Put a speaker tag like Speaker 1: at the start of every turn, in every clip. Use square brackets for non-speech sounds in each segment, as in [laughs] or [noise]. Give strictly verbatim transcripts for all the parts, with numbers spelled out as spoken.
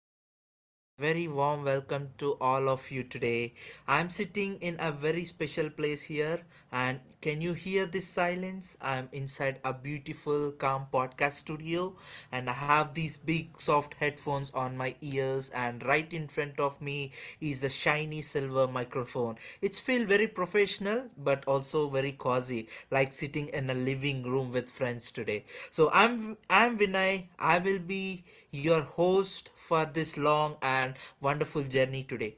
Speaker 1: dear friends. A very warm welcome to all of you today. I'm sitting in a very special place here, and can you hear this silence? I'm inside a beautiful, calm podcast studio, and I have these big, soft headphones on my ears, and right in front of me is a shiny silver microphone. It's feel very professional, but also very cozy, like sitting in a living room with friends today. So I'm I'm Vinay. I will be your host for this long and wonderful journey today.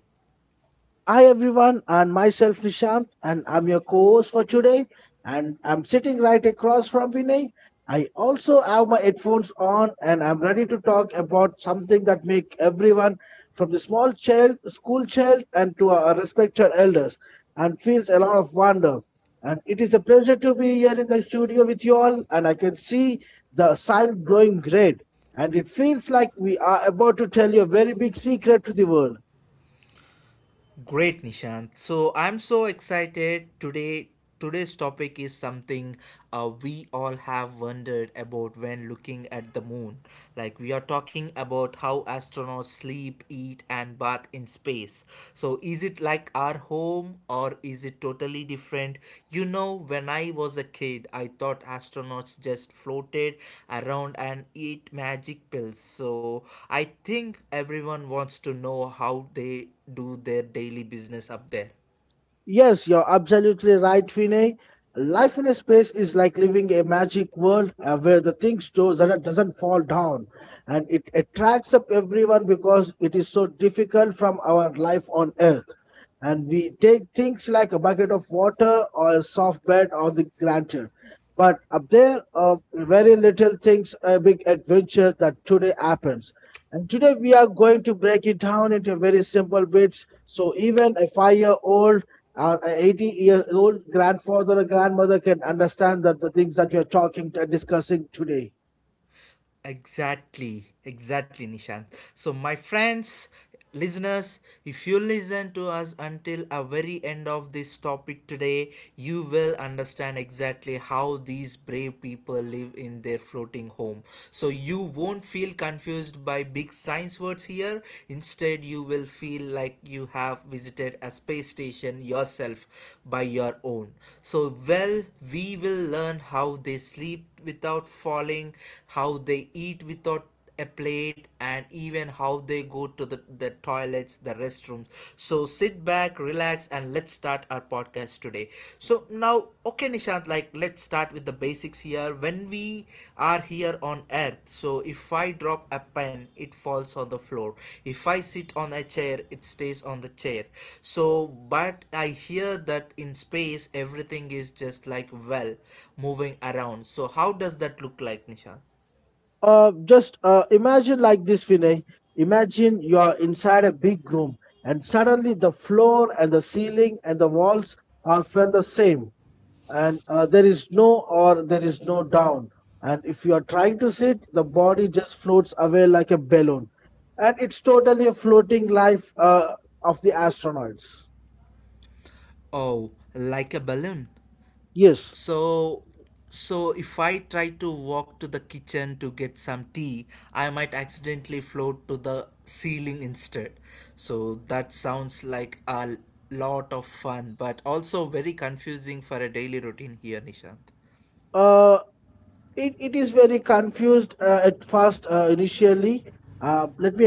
Speaker 2: Hi everyone, and myself Nishant, and I'm your co-host for today. And I'm sitting right across from Vinay. I also have my headphones on, and I'm ready to talk about something that make everyone, from the small child, school child, and to our respected elders, and feels a lot of wonder. And it is a pleasure to be here in the studio with you all, and I can see the sun glowing red, and it feels like we are about to tell you a very big secret to the world.
Speaker 1: Great, Nishant. So I'm so excited today. Today's topic is something uh, we all have wondered about when looking at the moon. Like, we are talking about how astronauts sleep, eat, and bath in space. So, is it like our home or is it totally different? You know, when I was a kid, I thought astronauts just floated around and ate magic pills. So, I think everyone wants to know how they do their daily business up there.
Speaker 2: Yes, you're absolutely right, Vinay. Life in a space is like living a magic world uh, where the things do, doesn't doesn't fall down, and it attracts up everyone because it is so difficult from our life on earth, and we take things like a bucket of water or a soft bed or the granted, but up there uh, very little things a big adventure that today happens. And today we are going to break it down into very simple bits, so even a five year old or an eighty year old grandfather or grandmother can understand that the things that we are talking and discussing today.
Speaker 1: Exactly, exactly, Nishant. So, my friends, listeners, if you listen to us until a very end of this topic today, you will understand exactly how these brave people live in their floating home. So, you won't feel confused by big science words here. Instead, you will feel like you have visited a space station yourself by your own. So, well, we will learn how they sleep without falling, how how they eat without a plate, and even how they go to the, the toilets, the restrooms. So sit back, relax, and let's start our podcast today. So now, okay, Nishant, like let's start with the basics here. When we are here on Earth, so if I drop a pen, it falls on the floor. If I sit on a chair, it stays on the chair. So but I hear that in space everything is just like, well, moving around. So how does that look like, Nishant?
Speaker 2: Uh, just uh, Imagine like this, Vinay. Imagine you are inside a big room, and suddenly the floor and the ceiling and the walls are felt the same, and uh, there is no, or there is no down. And if you are trying to sit, the body just floats away like a balloon, and it's totally a floating life uh, of the astronauts.
Speaker 1: Oh, like a balloon.
Speaker 2: Yes.
Speaker 1: So, so if I try to walk to the kitchen to get some tea, I might accidentally float to the ceiling instead. So that sounds like a lot of fun, but also very confusing for a daily routine here, Nishant.
Speaker 2: Uh, It, it is very confused uh, at first uh, initially. Uh, let me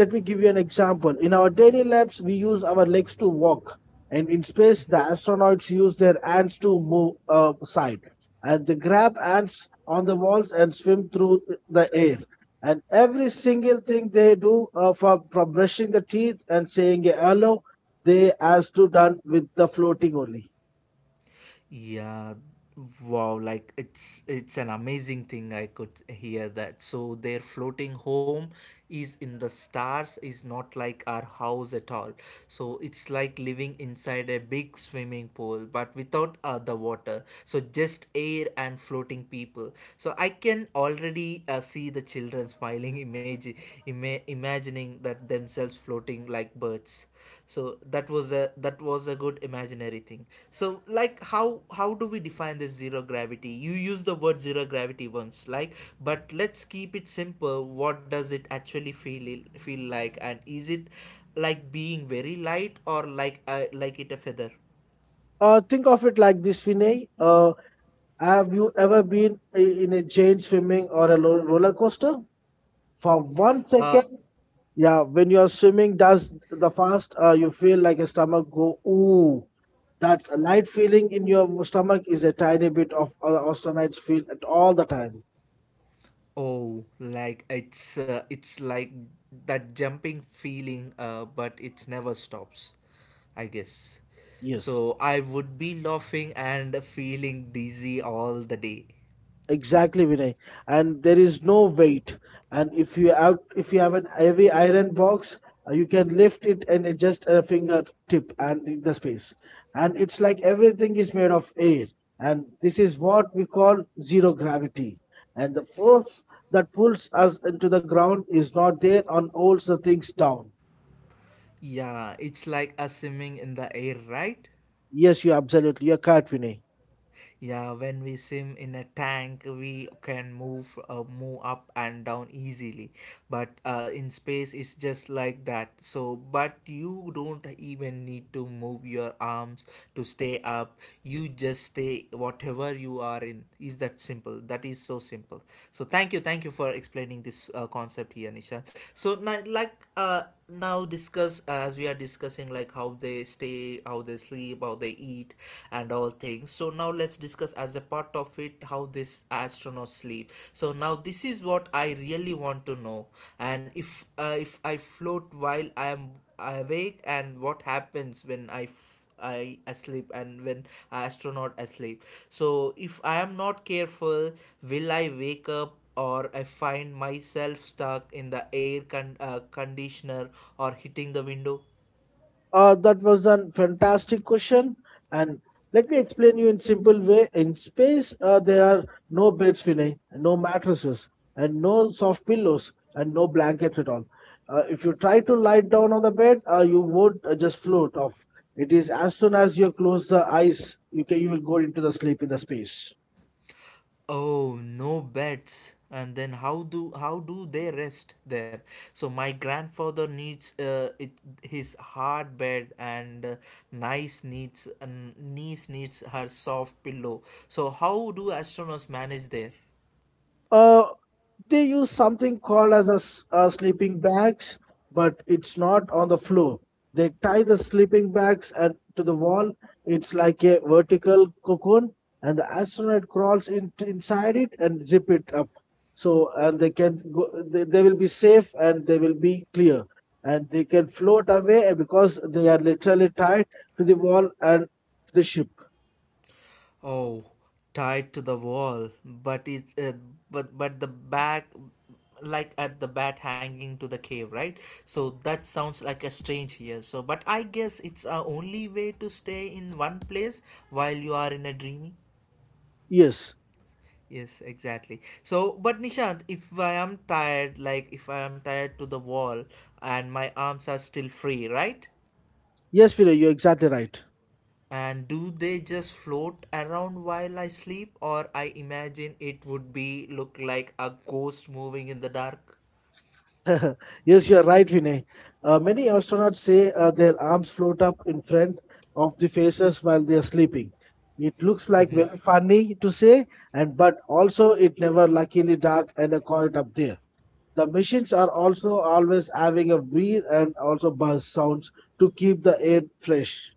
Speaker 2: let, me give you an example. In our daily lives, we use our legs to walk, and in space, the astronauts use their hands to move uh, side, and they grab ants on the walls and swim through the air. And every single thing they do, uh, from from brushing the teeth and saying a hello, they has to done with the floating only.
Speaker 1: Yeah, wow, like it's it's an amazing thing I could hear that. So their floating home is in the stars, is not like our house at all. So it's like living inside a big swimming pool but without uh, the water. So just air and floating people. So I can already uh, see the children smiling imagi- ima- imagining that themselves floating like birds. So that was a that was a good imaginary thing. So like how how do we define this zero gravity? You use the word zero gravity once, like, but let's keep it simple. What does it actually feel feel like? And is it like being very light, or like uh, like it a feather?
Speaker 2: Uh, think of it like this, Vinay. Uh, Have you ever been i- in a giant swimming or a lo- roller coaster? For one
Speaker 1: Uh,
Speaker 2: second, yeah, when you're swimming, does the fast, uh, you feel like a stomach go, ooh. That light feeling in your stomach is a tiny bit of uh, oceanites feel at all the time.
Speaker 1: Oh, like it's uh, it's like that jumping feeling, uh, but it's never stops, I guess.
Speaker 2: Yes.
Speaker 1: So I would be laughing and feeling dizzy all the day.
Speaker 2: Exactly, Vinay. And there is no weight. And if you have if you have an heavy iron box, uh, you can lift it and adjust a fingertip and in the space. And it's like everything is made of air. And this is what we call zero gravity. And the force that pulls us into the ground is not there and holds the things down.
Speaker 1: Yeah, it's like a swimming in the air, right?
Speaker 2: Yes, you absolutely. You're correct, Vinay.
Speaker 1: Yeah, when we swim in a tank, we can move uh, move up and down easily. But uh, in space, it's just like that. So, but you don't even need to move your arms to stay up. You just stay whatever you are in. Is that simple? That is so simple. So, thank you, thank you for explaining this uh, concept here, Nisha. So, now, like uh now discuss, as we are discussing, like how they stay, how they sleep, how they eat, and all things. So now let's discuss, as a part of it, how this astronauts sleep. So now this is what I really want to know. And if uh, if I float while I am awake, and what happens when i f- I asleep, and when astronaut asleep. So if I am not careful, will I wake up or I find myself stuck in the air con- uh, conditioner or hitting the window?
Speaker 2: Uh, that was a fantastic question, and let me explain you in simple way. In space, uh, there are no beds, Vinay, no mattresses, and no soft pillows, and no blankets at all. Uh, if you try to lie down on the bed, uh, you would uh, just float off. It is as soon as you close the eyes, you can you will go into the sleep in the space.
Speaker 1: Oh, no beds. And then how do how do they rest there? So my grandfather needs uh, it, his hard bed, and uh, nice needs, and niece needs her soft pillow. So how do astronauts manage there?
Speaker 2: Uh, they use something called as a, s- uh sleeping bags, but it's not on the floor. They tie the sleeping bags at, to the wall. It's like a vertical cocoon, and the astronaut crawls in, inside it and zip it up. So, and they can go, they, they will be safe and they will be clear, and they can float away because they are literally tied to the wall and to the ship.
Speaker 1: Oh, tied to the wall, but it's uh, but but the back, like at the bat hanging to the cave, right? So that sounds like a strange here. So, but I guess it's a only way to stay in one place while you are in a dreamy.
Speaker 2: Yes,
Speaker 1: Yes, exactly. So, but Nishant, if I am tired, like if I am tired to the wall, and my arms are still free, right?
Speaker 2: yes, Vira, you're exactly right.
Speaker 1: And do they just float around while I sleep, or I imagine it would be look like a ghost moving in the dark?
Speaker 2: [laughs] Yes, you are right, Vinay. Uh, many astronauts say uh, their arms float up in front of the faces while they are sleeping. It looks like
Speaker 1: Hmm.
Speaker 2: very funny to say, and but also it never luckily dark and a quiet up there. The machines are also always having a wheel and also buzz sounds to keep the air fresh.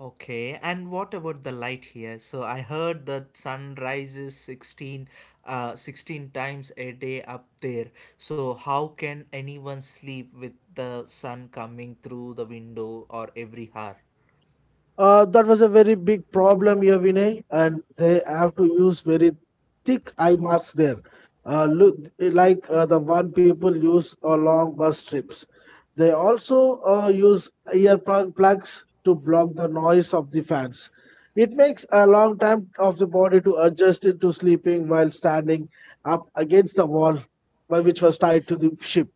Speaker 1: Okay, and what about the light here? So I heard that sun rises sixteen, uh, sixteen times a day up there. So how can anyone sleep with the sun coming through the window or every hour?
Speaker 2: Uh, that was a very big problem here, Vinay, and they have to use very thick eye masks there. Uh, look, like uh, the one people use along bus trips. They also uh, use ear plug- plugs to block the noise of the fans. It makes a long time of the body to adjust it to sleeping while standing up against the wall, by which was tied to the ship.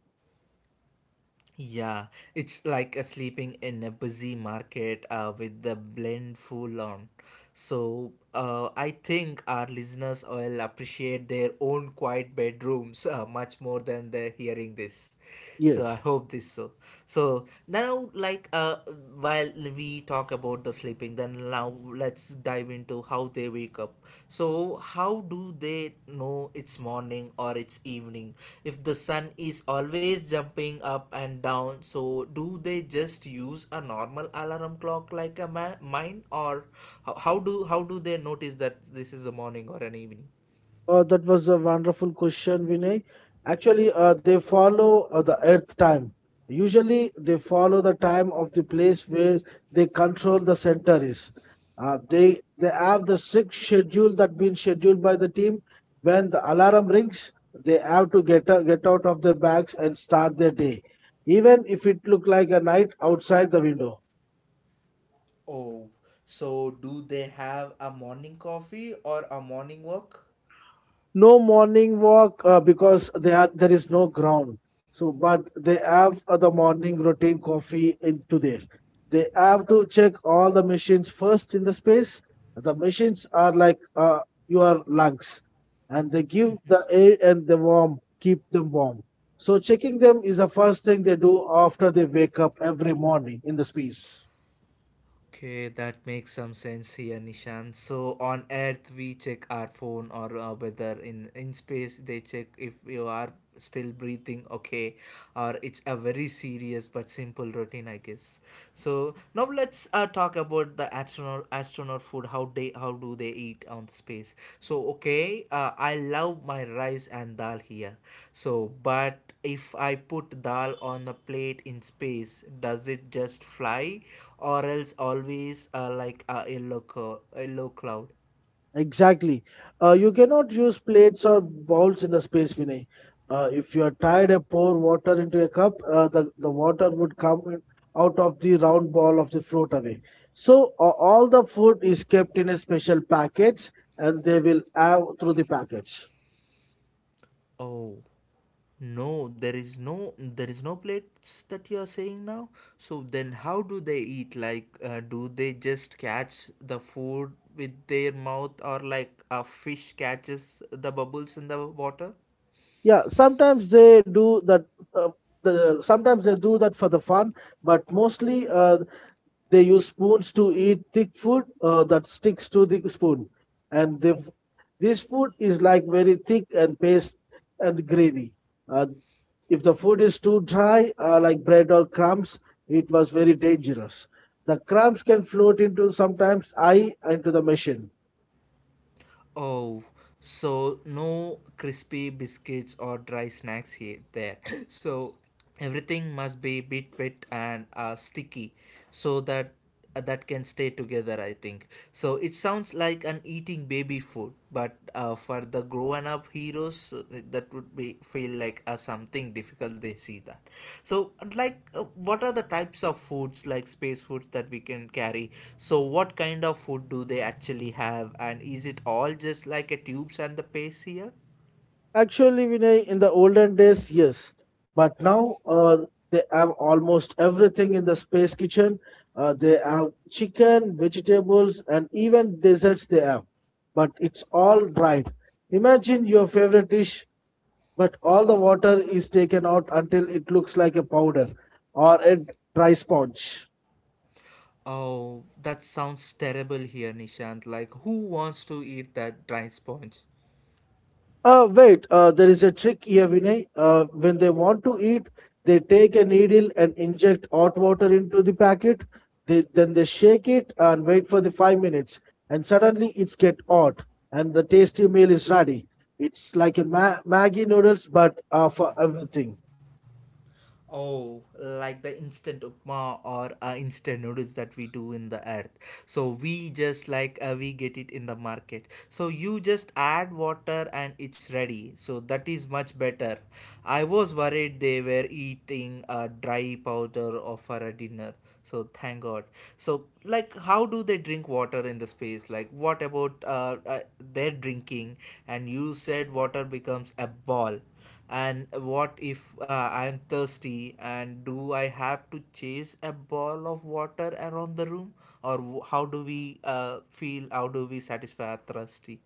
Speaker 1: Yeah, it's like a sleeping in a busy market uh, with the blend full on. So uh, I think our listeners will appreciate their own quiet bedrooms uh, much more than they're hearing this. So I
Speaker 2: Yes.
Speaker 1: hope this so. So now, like uh, while we talk about the sleep sleeping, then now let's dive into how they wake up. So how do they know it's morning or it's evening if the sun is always jumping up and down? So do they just use a normal alarm clock like a ma- mine, or how, how do how do they notice that this is a morning or an evening?
Speaker 2: Uh, that was a wonderful question, Vinay. Actually, uh, they follow uh, the Earth time. Usually, they follow the time of the place where they control the center is. Uh, they they have the strict schedule that been scheduled by the team. When the alarm rings, they have to get out, get out of their bags and start their day, even if it look like a night outside the window.
Speaker 1: Oh, so do they have a morning coffee or a morning walk?
Speaker 2: No morning walk uh, because they are, there is no ground. So, but they have uh, the morning routine coffee into there. They have to check all the machines first in the space. The machines are like uh, your lungs, and they give the air and the warm, keep them warm. So, checking them is the first thing they do after they wake up every morning in the space.
Speaker 1: Okay, that makes some sense here, Nishan. So on Earth, we check our phone or uh, whether in in space they check if you are still breathing. Okay, or it's a very serious but simple routine, I guess. So now let's uh, talk about the astronaut astronaut food. How they, how do they eat on the space? So, okay, uh, I love my rice and dal here. So but if I put dal on a plate in space, does it just fly, or else always uh, like a yellow, co- yellow cloud?
Speaker 2: Exactly. Uh, you cannot use plates or bowls in the space, Vinay. Uh, if you are tired and pour water into a cup, uh, the, the water would come in- out of the round ball of the float away. So uh, all the food is kept in a special packets and they will have through the packets.
Speaker 1: Oh, no, there is no there is no plates, that you are saying now. So then how do they eat? Like uh, do they just catch the food with their mouth, or like a fish catches the bubbles in the water?
Speaker 2: Yeah, sometimes they do that. Uh, the, sometimes they do that for the fun, but mostly uh, they use spoons to eat thick food uh, that sticks to the spoon, and they, f- this food is like very thick and paste and gravy. Uh, if the food is too dry, uh, like bread or crumbs, it was very dangerous. The crumbs can float into sometimes eye into the machine.
Speaker 1: Oh, so no crispy biscuits or dry snacks here there. [clears throat] So everything must be bit wet and uh, sticky, so that uh, that can stay together, I think. So it sounds like an eating baby food, but uh, for the grown up heroes, uh, that would be feel like a something difficult they see that. So like uh, what are the types of foods, like space foods, that we can carry? So what kind of food do they actually have, and is it all just like a tubes and the paste here?
Speaker 2: Actually, Vinay, in the olden days, yes, but now uh, they have almost everything in the space kitchen. Uh, they have chicken, vegetables, and even desserts they have. But it's all dried. Imagine your favorite dish, but all the water is taken out until it looks like a powder or a dry sponge.
Speaker 1: Oh, that sounds terrible here, Nishant. Like, who wants to eat that dry sponge?
Speaker 2: Uh, wait, uh, there is a trick here, Vinay. Uh, when they want to eat, they take a needle and inject hot water into the packet. They, then they shake it and wait for the five minutes, and suddenly it's get hot, and the tasty meal is ready. It's like a ma Maggie noodles, but uh, for everything.
Speaker 1: Oh, like the instant upma, or uh, instant noodles, that we do in the earth. So we just like uh, we get it in the market. So you just add water and it's ready. So that is much better. I was worried they were eating a dry powder of for a dinner. So thank God. So like how do they drink water in the space? Like what about uh, uh, their drinking? And you said water becomes a ball. And what if uh, I am thirsty, and do I have to chase a ball of water around the room? Or w- how do we uh, feel? How do we satisfy our thirsty?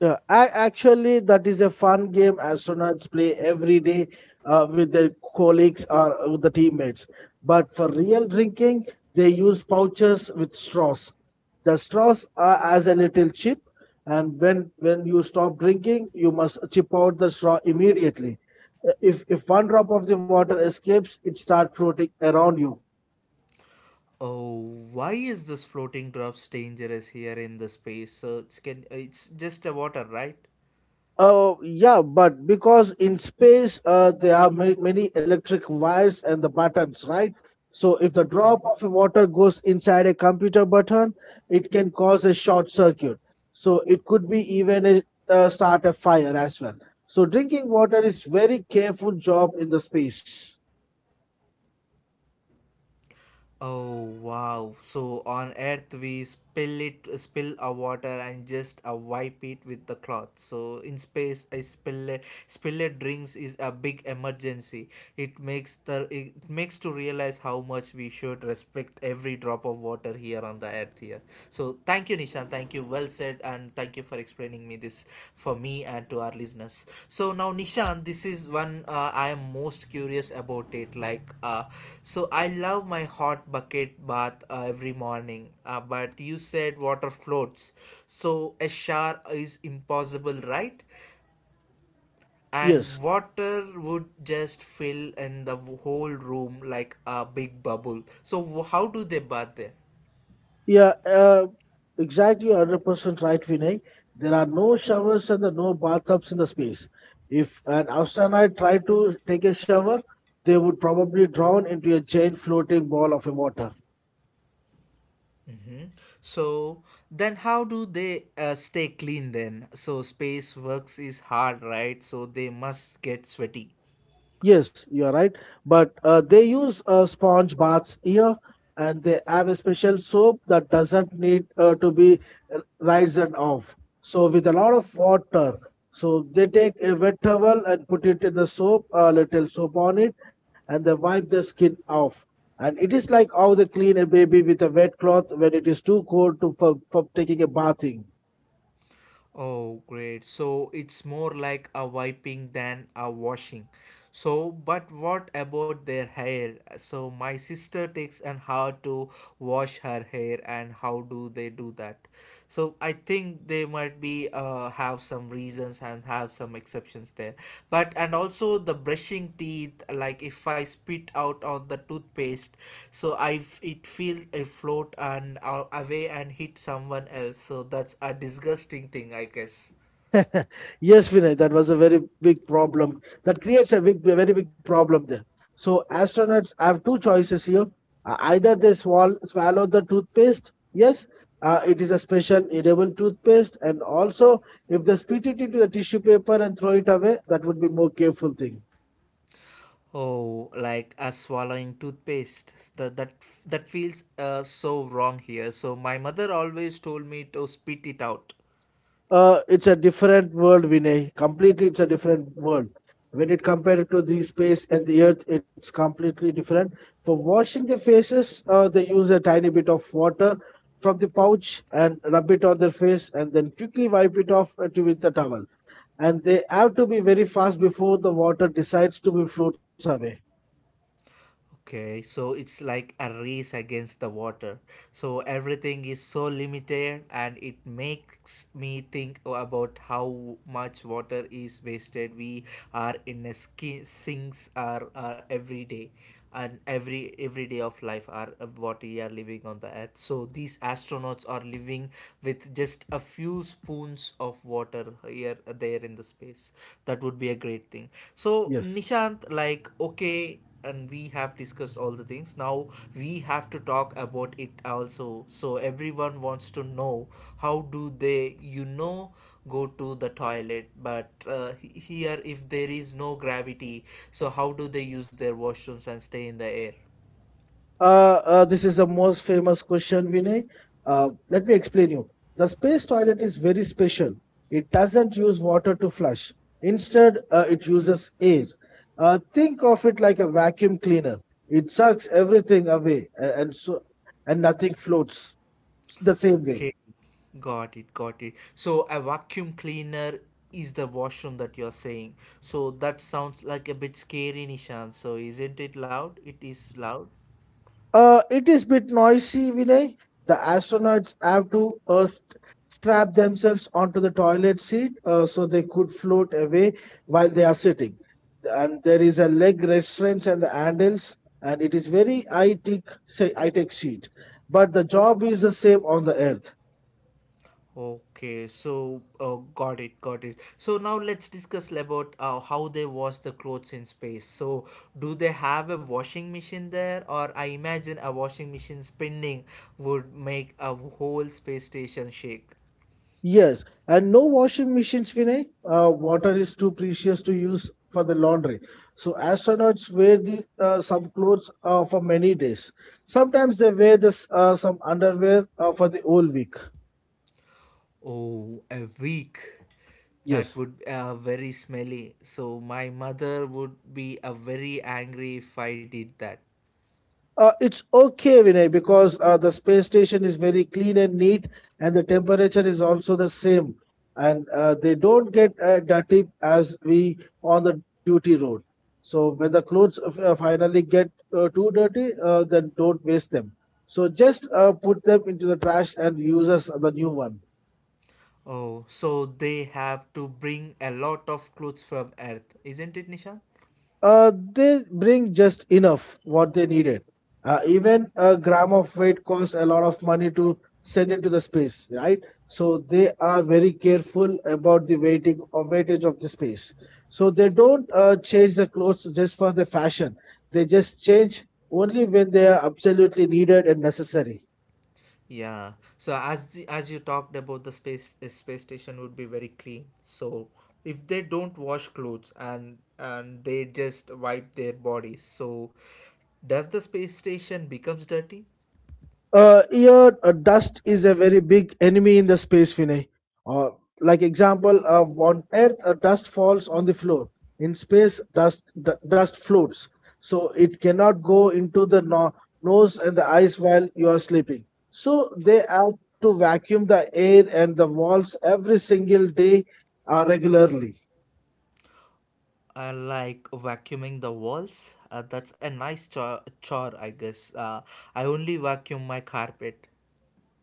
Speaker 2: Yeah, ac- actually, that is a fun game astronauts play every day uh, with their colleagues or with the teammates. But for real drinking, they use pouches with straws. The straws are as a little chip, and when when you stop drinking, you must chip out the straw immediately. Uh, If if one drop of the water escapes, it starts floating around you.
Speaker 1: Oh, why is this floating drops dangerous here in the space? So it's, can, it's just a water, right?
Speaker 2: Uh, yeah, but because in space, uh, there are ma- many electric wires and the buttons, right? So if the drop of water goes inside a computer button, it can cause a short circuit. So it could be even a, uh, start a fire as well. So drinking water is very careful job in the space.
Speaker 1: Oh wow. So on earth we spill it spill our water and just uh, wipe it with the cloth. So in space a spill it spill it drinks is a big emergency. It makes the it makes to realize how much we should respect every drop of water here on the earth here. So thank you, Nishant. Thank you, well said, and thank you for explaining me this for me and to our listeners. So now, Nishan, this is one uh, I am most curious about it. Like, uh, so I love my hot bucket bath uh, every morning, uh, but you said water floats, so a shower is impossible, right? And
Speaker 2: Yes.
Speaker 1: water would just fill in the whole room like a big bubble. So, wh- how do they bath there?
Speaker 2: Yeah, uh, exactly one hundred percent right, Vinay. There are no showers and the no bathtubs in the space. If an astronaut tried to take a shower, they would probably drown into a giant floating ball of water.
Speaker 1: So then how do they uh, stay clean then? So space works is hard, right? So they must get sweaty.
Speaker 2: Yes, you are right. But uh, they use uh, sponge baths here, and they have a special soap that doesn't need uh, to be r- rinsed and off. So with a lot of water, so they take a wet towel and put it in the soap, a little soap on it, and they wipe the skin off. And it is like how they clean a baby with a wet cloth when it is too cold to for, for taking a bathing.
Speaker 1: Oh, great. So it's more like a wiping than a washing. So, but what about their hair? So my sister takes an hour to wash her hair, and how do they do that? So I think they might be uh, uh, have some reasons and have some exceptions there. But and also the brushing teeth, like if I spit out on the toothpaste, so I f- it feel it float and uh, away and hit someone else, so that's a disgusting thing, I guess.
Speaker 2: [laughs] Yes, Vinay, that was a very big problem. That creates a big, a very big problem there. So astronauts have two choices here. Uh, either they swal swallow the toothpaste. Yes, uh, it is a special edible toothpaste, and also if they spit it into the tissue paper and throw it away, that would be more careful thing.
Speaker 1: Oh, like uh, swallowing toothpaste. That that that feels uh, so wrong here. So my mother always told me to spit it out.
Speaker 2: Uh, it's a different world, Vinay. Completely, it's a different world. When it compared to the space and the earth, it's completely different. For washing the faces, uh, they use a tiny bit of water from the pouch and rub it on their face and then quickly wipe it off uh, to- with the towel. And they have to be very fast before the water decides to be floats away.
Speaker 1: Okay, so it's like a race against the water. So everything is so limited and it makes me think about how much water is wasted. We are in a ski- sinks are, are every day and every every day of life are of what we are living on the earth. So these astronauts are living with just a few spoons of water here there in the space. That would be a great thing. So
Speaker 2: Yes.
Speaker 1: Nishant, like, okay, and we have discussed all the things. Now we have to talk about it also. So everyone wants to know how do they, you know, go to the toilet. But uh, he- here if there is no gravity, so how do they use their washrooms and stay in the air?
Speaker 2: Uh, uh, this is the most famous question, Vinay. Uh, let me explain you. The space toilet is very special. It doesn't use water to flush. Instead, uh, it uses air. Uh, think of it like a vacuum cleaner. It sucks everything away, a- and so and nothing floats the same way.
Speaker 1: Okay, got it, got it. So a vacuum cleaner is the washroom that you're saying. So that sounds like a bit scary, Nishan. So isn't it loud? It is loud.
Speaker 2: Uh, it is bit noisy, Vinay. The astronauts have to uh, st- strap themselves onto the toilet seat uh, so they could float away while they are sitting. And there is a leg restraints and the handles, and it is very high tech, say high tech seat. But the job is the same on the Earth.
Speaker 1: Okay, so uh, got it, got it. So now let's discuss about uh, how they wash the clothes in space. So do they have a washing machine there, or I imagine a washing machine spinning would make a whole space station shake.
Speaker 2: Yes, and no washing machines, Vinay. Uh, water is too precious to use for the laundry. So astronauts wear the, uh, some clothes uh, for many days. Sometimes they wear this uh, some underwear uh, for the whole week.
Speaker 1: Oh, a week. That
Speaker 2: Yes.
Speaker 1: would be uh, very smelly. So my mother would be uh, very angry if I did that.
Speaker 2: Uh, it's okay, Vinay, because uh, the space station is very clean and neat, and the temperature is also the same, and uh, they don't get uh, dirty as we on the duty road. So when the clothes uh, finally get uh, too dirty, uh, then don't waste them. So just uh, put them into the trash and use us the new one.
Speaker 1: Oh, so they have to bring a lot of clothes from Earth, isn't it, Nisha?
Speaker 2: Uh, they bring just enough what they needed. Uh, even a gram of weight costs a lot of money to send into the space, right? So they are very careful about the weighting or weightage of the space. So they don't uh, change the clothes just for the fashion. They just change only when they are absolutely needed and necessary.
Speaker 1: Yeah. So as the, as you talked about the space uh, space station would be very clean. So if they don't wash clothes and and they just wipe their bodies, so does the space station becomes dirty?
Speaker 2: Uh, here, uh, dust is a very big enemy in the space, Vinay. Uh, like example, uh, on Earth, uh, dust falls on the floor. In space, dust d- dust floats, so it cannot go into the no- nose and the eyes while you are sleeping. So they have to vacuum the air and the walls every single day uh, regularly.
Speaker 1: Uh, like vacuuming the walls. Uh, that's a nice chore, chore, I guess. Uh, I only vacuum my carpet.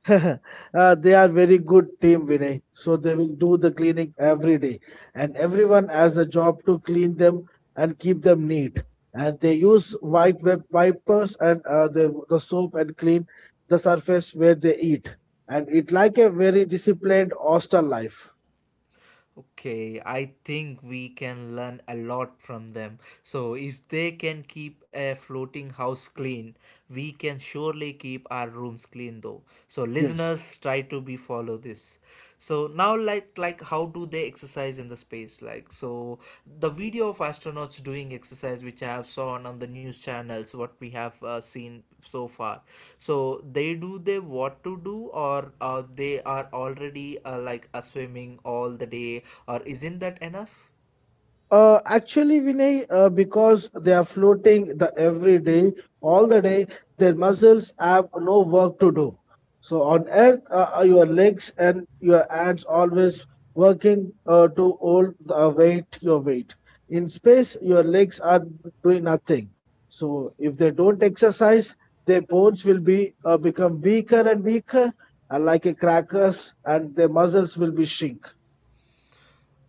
Speaker 2: [laughs] Uh, they are very good team, Vinay. So they will do the cleaning every day, and everyone has a job to clean them and keep them neat. And they use white web wipers and uh, the the soap and clean the surface where they eat. And it like a very disciplined hostel life.
Speaker 1: Okay, I think we can learn a lot from them. So if they can keep a floating house clean, we can surely keep our rooms clean though. So,
Speaker 2: Yes.
Speaker 1: listeners, try to be follow this. So now, like like how do they exercise in the space? Like so the video of astronauts doing exercise which I have saw on, on the news channels what we have uh, seen so far, so they do they what to do, or uh, they are already uh, like uh, swimming all the day, or isn't that enough?
Speaker 2: Uh, actually, Vinay, uh, because they are floating the every day, all the day, their muscles have no work to do. So on Earth, uh, uh, your legs and your hands always working uh, to hold the weight, your weight. In space, your legs are doing nothing. So if they don't exercise, their bones will be uh, become weaker and weaker, uh, like a crackers, and their muscles will be shrink.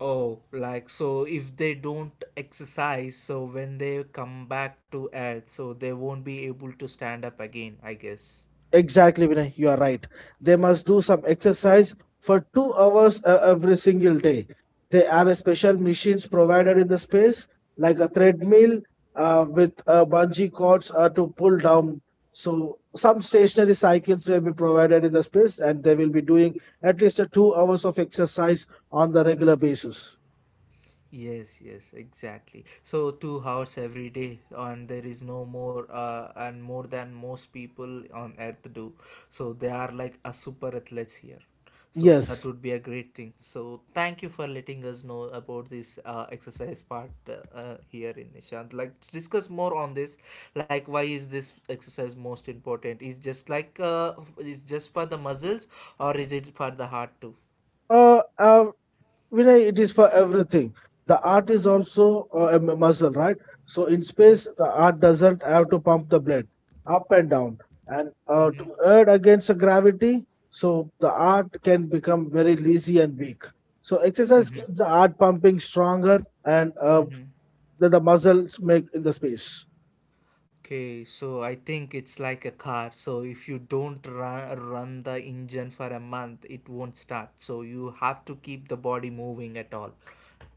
Speaker 1: Oh, like so if they don't exercise so when they come back to earth, so they won't be able to stand up again, I guess.
Speaker 2: Exactly, Vinay, you are right. They must do some exercise for two hours uh, every single day. They have a special machines provided in the space, like a treadmill uh, with uh, bungee cords uh, to pull down. So some stationary cycles will be provided in the space, and they will be doing at least uh, two hours of exercise on the regular basis.
Speaker 1: Yes, yes, exactly. So two hours every day, and there is no more, uh, and more than most people on earth do. So they are like a super athletes here. So that
Speaker 2: Yes.
Speaker 1: would be a great thing. So thank you for letting us know about this uh, exercise part uh, uh, here in Nishant. Like to discuss more on this, like why is this exercise most important? Is just like uh, f- is just for the muscles, or is it for the heart too?
Speaker 2: Uh, uh, Vinay, it is for everything. The art is also uh, a m- muscle, right? So in
Speaker 1: Mm-hmm,
Speaker 2: space, the art doesn't have to pump the blade up and down and uh,
Speaker 1: mm-hmm,
Speaker 2: to err against the gravity. So the art can become very lazy and weak. So exercise
Speaker 1: mm-hmm,
Speaker 2: keeps the art pumping stronger and uh,
Speaker 1: mm-hmm.
Speaker 2: that the muscles make in the space.
Speaker 1: Okay, so I think it's like a car. So if you don't run, run the engine for a month, it won't start. So you have to keep the body moving at all.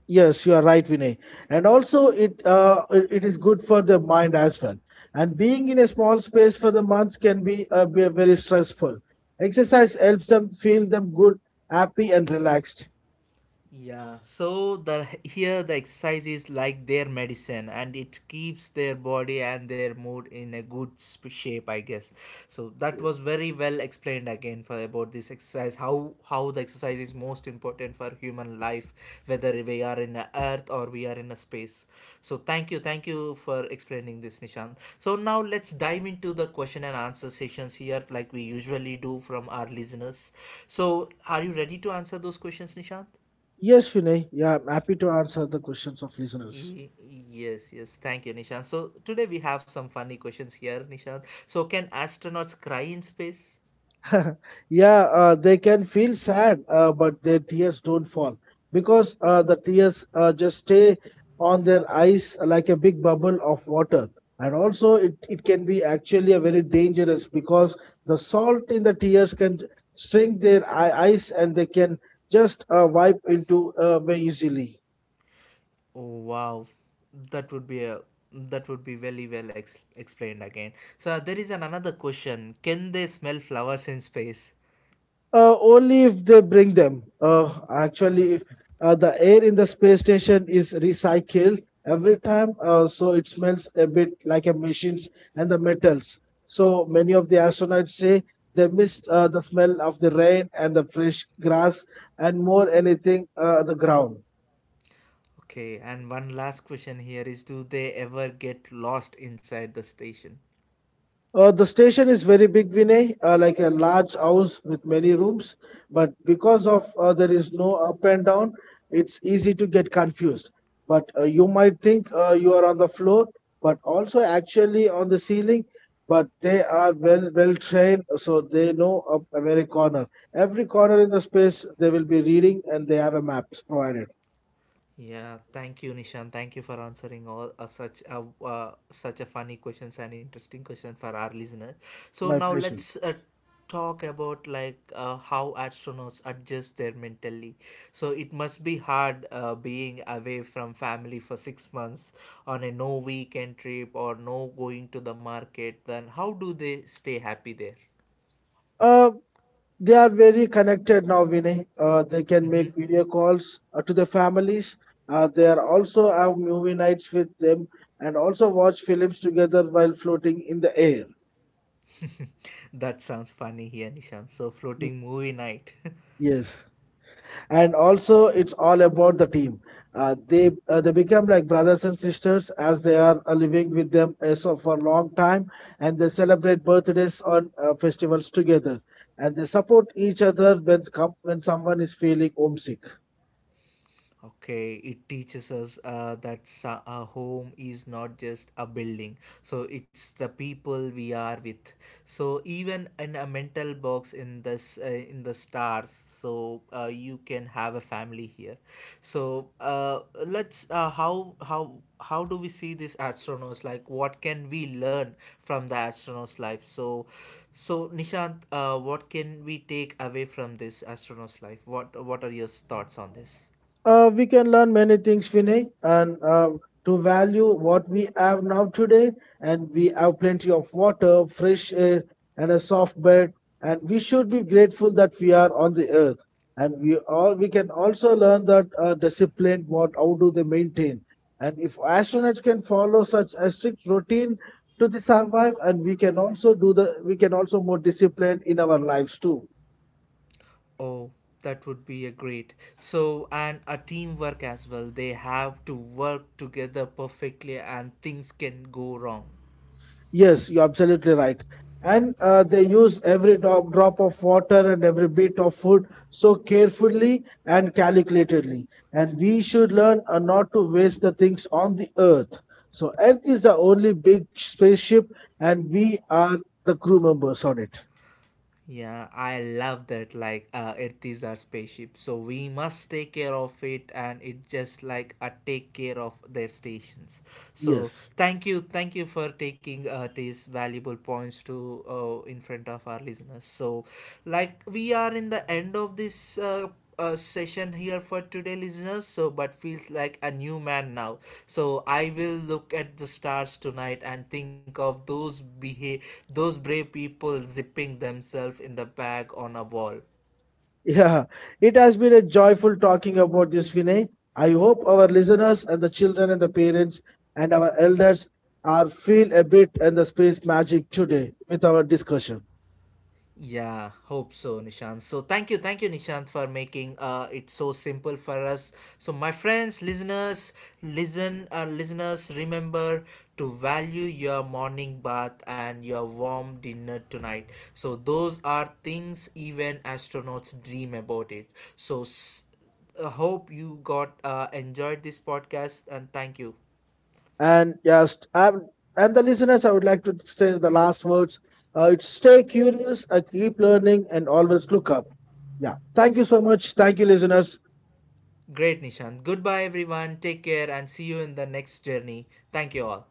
Speaker 2: Yes, you are right, Vinay. And also, it uh, it it is good for the mind as well. And being in a small space for the months can be, uh, be very stressful. Exercise helps them feel them good, happy, and relaxed.
Speaker 1: Yeah, so the here the exercise is like their medicine and it keeps their body and their mood in a good sp- shape, I guess. So that was very well explained again for about this exercise, how how the exercise is most important for human life, whether we are in a earth or we are in a space. So thank you, thank you for explaining this, Nishant. So now let's dive into the question and answer sessions here, like we usually do from our listeners. So are you ready to answer those questions, Nishant?
Speaker 2: Yes, Vinay. Yeah, I'm happy to answer the questions of listeners.
Speaker 1: Y- Yes, yes. Thank you, Nishant. So today we have some funny questions here, Nishant. So can astronauts cry in space?
Speaker 2: [laughs] Yeah, uh, they can feel sad, uh, but their tears don't fall because uh, the tears uh, just stay on their eyes like a big bubble of water. And also, it, it can be actually a very dangerous because the salt in the tears can shrink their eye- eyes and they can just uh, wipe into uh, very easily.
Speaker 1: Oh, wow, that would be a, that would be very well ex- explained again. So there is an another question. Can they smell flowers in space?
Speaker 2: Uh, only if they bring them. Uh, actually, if, uh, the air in the space station is recycled every time, uh, so it smells a bit like a machines and the metals. So many of the astronauts say they missed uh, the smell of the rain and the fresh grass and more anything uh, the ground.
Speaker 1: Okay, and one last question here is: do they ever get lost inside the station?
Speaker 2: Uh, the station is very big, Vinay, uh, like a large house with many rooms. But because of uh, there is no up and down, it's easy to get confused. But uh, you might think uh, you are on the floor, but also actually on the ceiling. But they are well well trained, so they know of every corner. Every corner in the space they will be reading, and they have a maps provided.
Speaker 1: Yeah, thank you, Nishan. Thank you for answering all uh, such a uh, such a funny questions and interesting questions for our listeners. So
Speaker 2: My
Speaker 1: now
Speaker 2: pleasure.
Speaker 1: let's uh, talk about like uh, how astronauts adjust their mentally. So it must be hard uh, being away from family for six months on a no weekend trip or no going to the market. Then how do they stay happy there?
Speaker 2: They are very connected now, Vinay. Uh, they can
Speaker 1: Mm-hmm.
Speaker 2: make video calls uh, to their families. Uh, they are also have movie nights with them and also watch films together while floating in the air.
Speaker 1: That sounds funny here, Nishan. So floating movie night. [laughs]
Speaker 2: Yes, and also it's all about the team. Uh, they uh, they become like brothers and sisters as they are uh, living with them uh, so for a long time, and they celebrate birthdays on uh, festivals together, and they support each other when come when someone is feeling homesick.
Speaker 1: Okay, it teaches us uh, that sa- a home is not just a building. So it's the people we are with. So even in a mental box in this uh, in the stars, so uh, you can have a family here. So uh, let's uh, how how how do we see these astronauts? Like what can we learn from the astronauts' life? So so Nishant, uh, what can we take away from this astronauts' life? What what are your thoughts on this?
Speaker 2: Uh, we can learn many things, Vinay, and uh, to value what we have now today. And we have plenty of water, fresh air, and a soft bed. And we should be grateful that we are on the earth. And we all we can also learn that uh, discipline. What how do they maintain? And if astronauts can follow such a strict routine to the survive, and we can also do the we can also more disciplined in our lives too.
Speaker 1: Oh, that would be a great. So, and a teamwork as well. They have to work together perfectly and things can go wrong.
Speaker 2: Yes, you're absolutely right. And uh, they use every drop, drop of water and every bit of food so carefully and calculatedly. And we should learn uh, not to waste the things on the earth. So, Earth is the only big spaceship, and we are the crew members on it.
Speaker 1: Yeah, I love that. Like, uh, it is our spaceship. So we must take care of it and it just like a take care of their stations. So
Speaker 2: Yes.
Speaker 1: thank you. Thank you for taking uh, these valuable points to uh, in front of our listeners. So, like, we are in the end of this. Uh, uh, session here for today, listeners. So, but feels like a new man now. So I will look at the stars tonight and think of those behave, those brave people zipping themselves in the bag on a wall.
Speaker 2: Yeah, it has been a joyful talking about this, Vinay. I hope our listeners and the children and the parents and our elders are feel a bit in the space magic today with our discussion.
Speaker 1: Yeah, hope so, Nishant. So thank you, thank you, Nishant, for making uh it so simple for us. So my friends, listeners, listen, uh, listeners, remember to value your morning bath and your warm dinner tonight. So those are things even astronauts dream about it. So s- uh, hope you got uh, enjoyed this podcast and thank you.
Speaker 2: And yes, I'm, and the listeners, I would like to say the last words. Uh, it's stay curious, uh, keep learning, and always look up. Yeah, thank you so much. Thank you, listeners.
Speaker 1: Great, Nishant. Goodbye, everyone. Take care and see you in the next journey. Thank you all.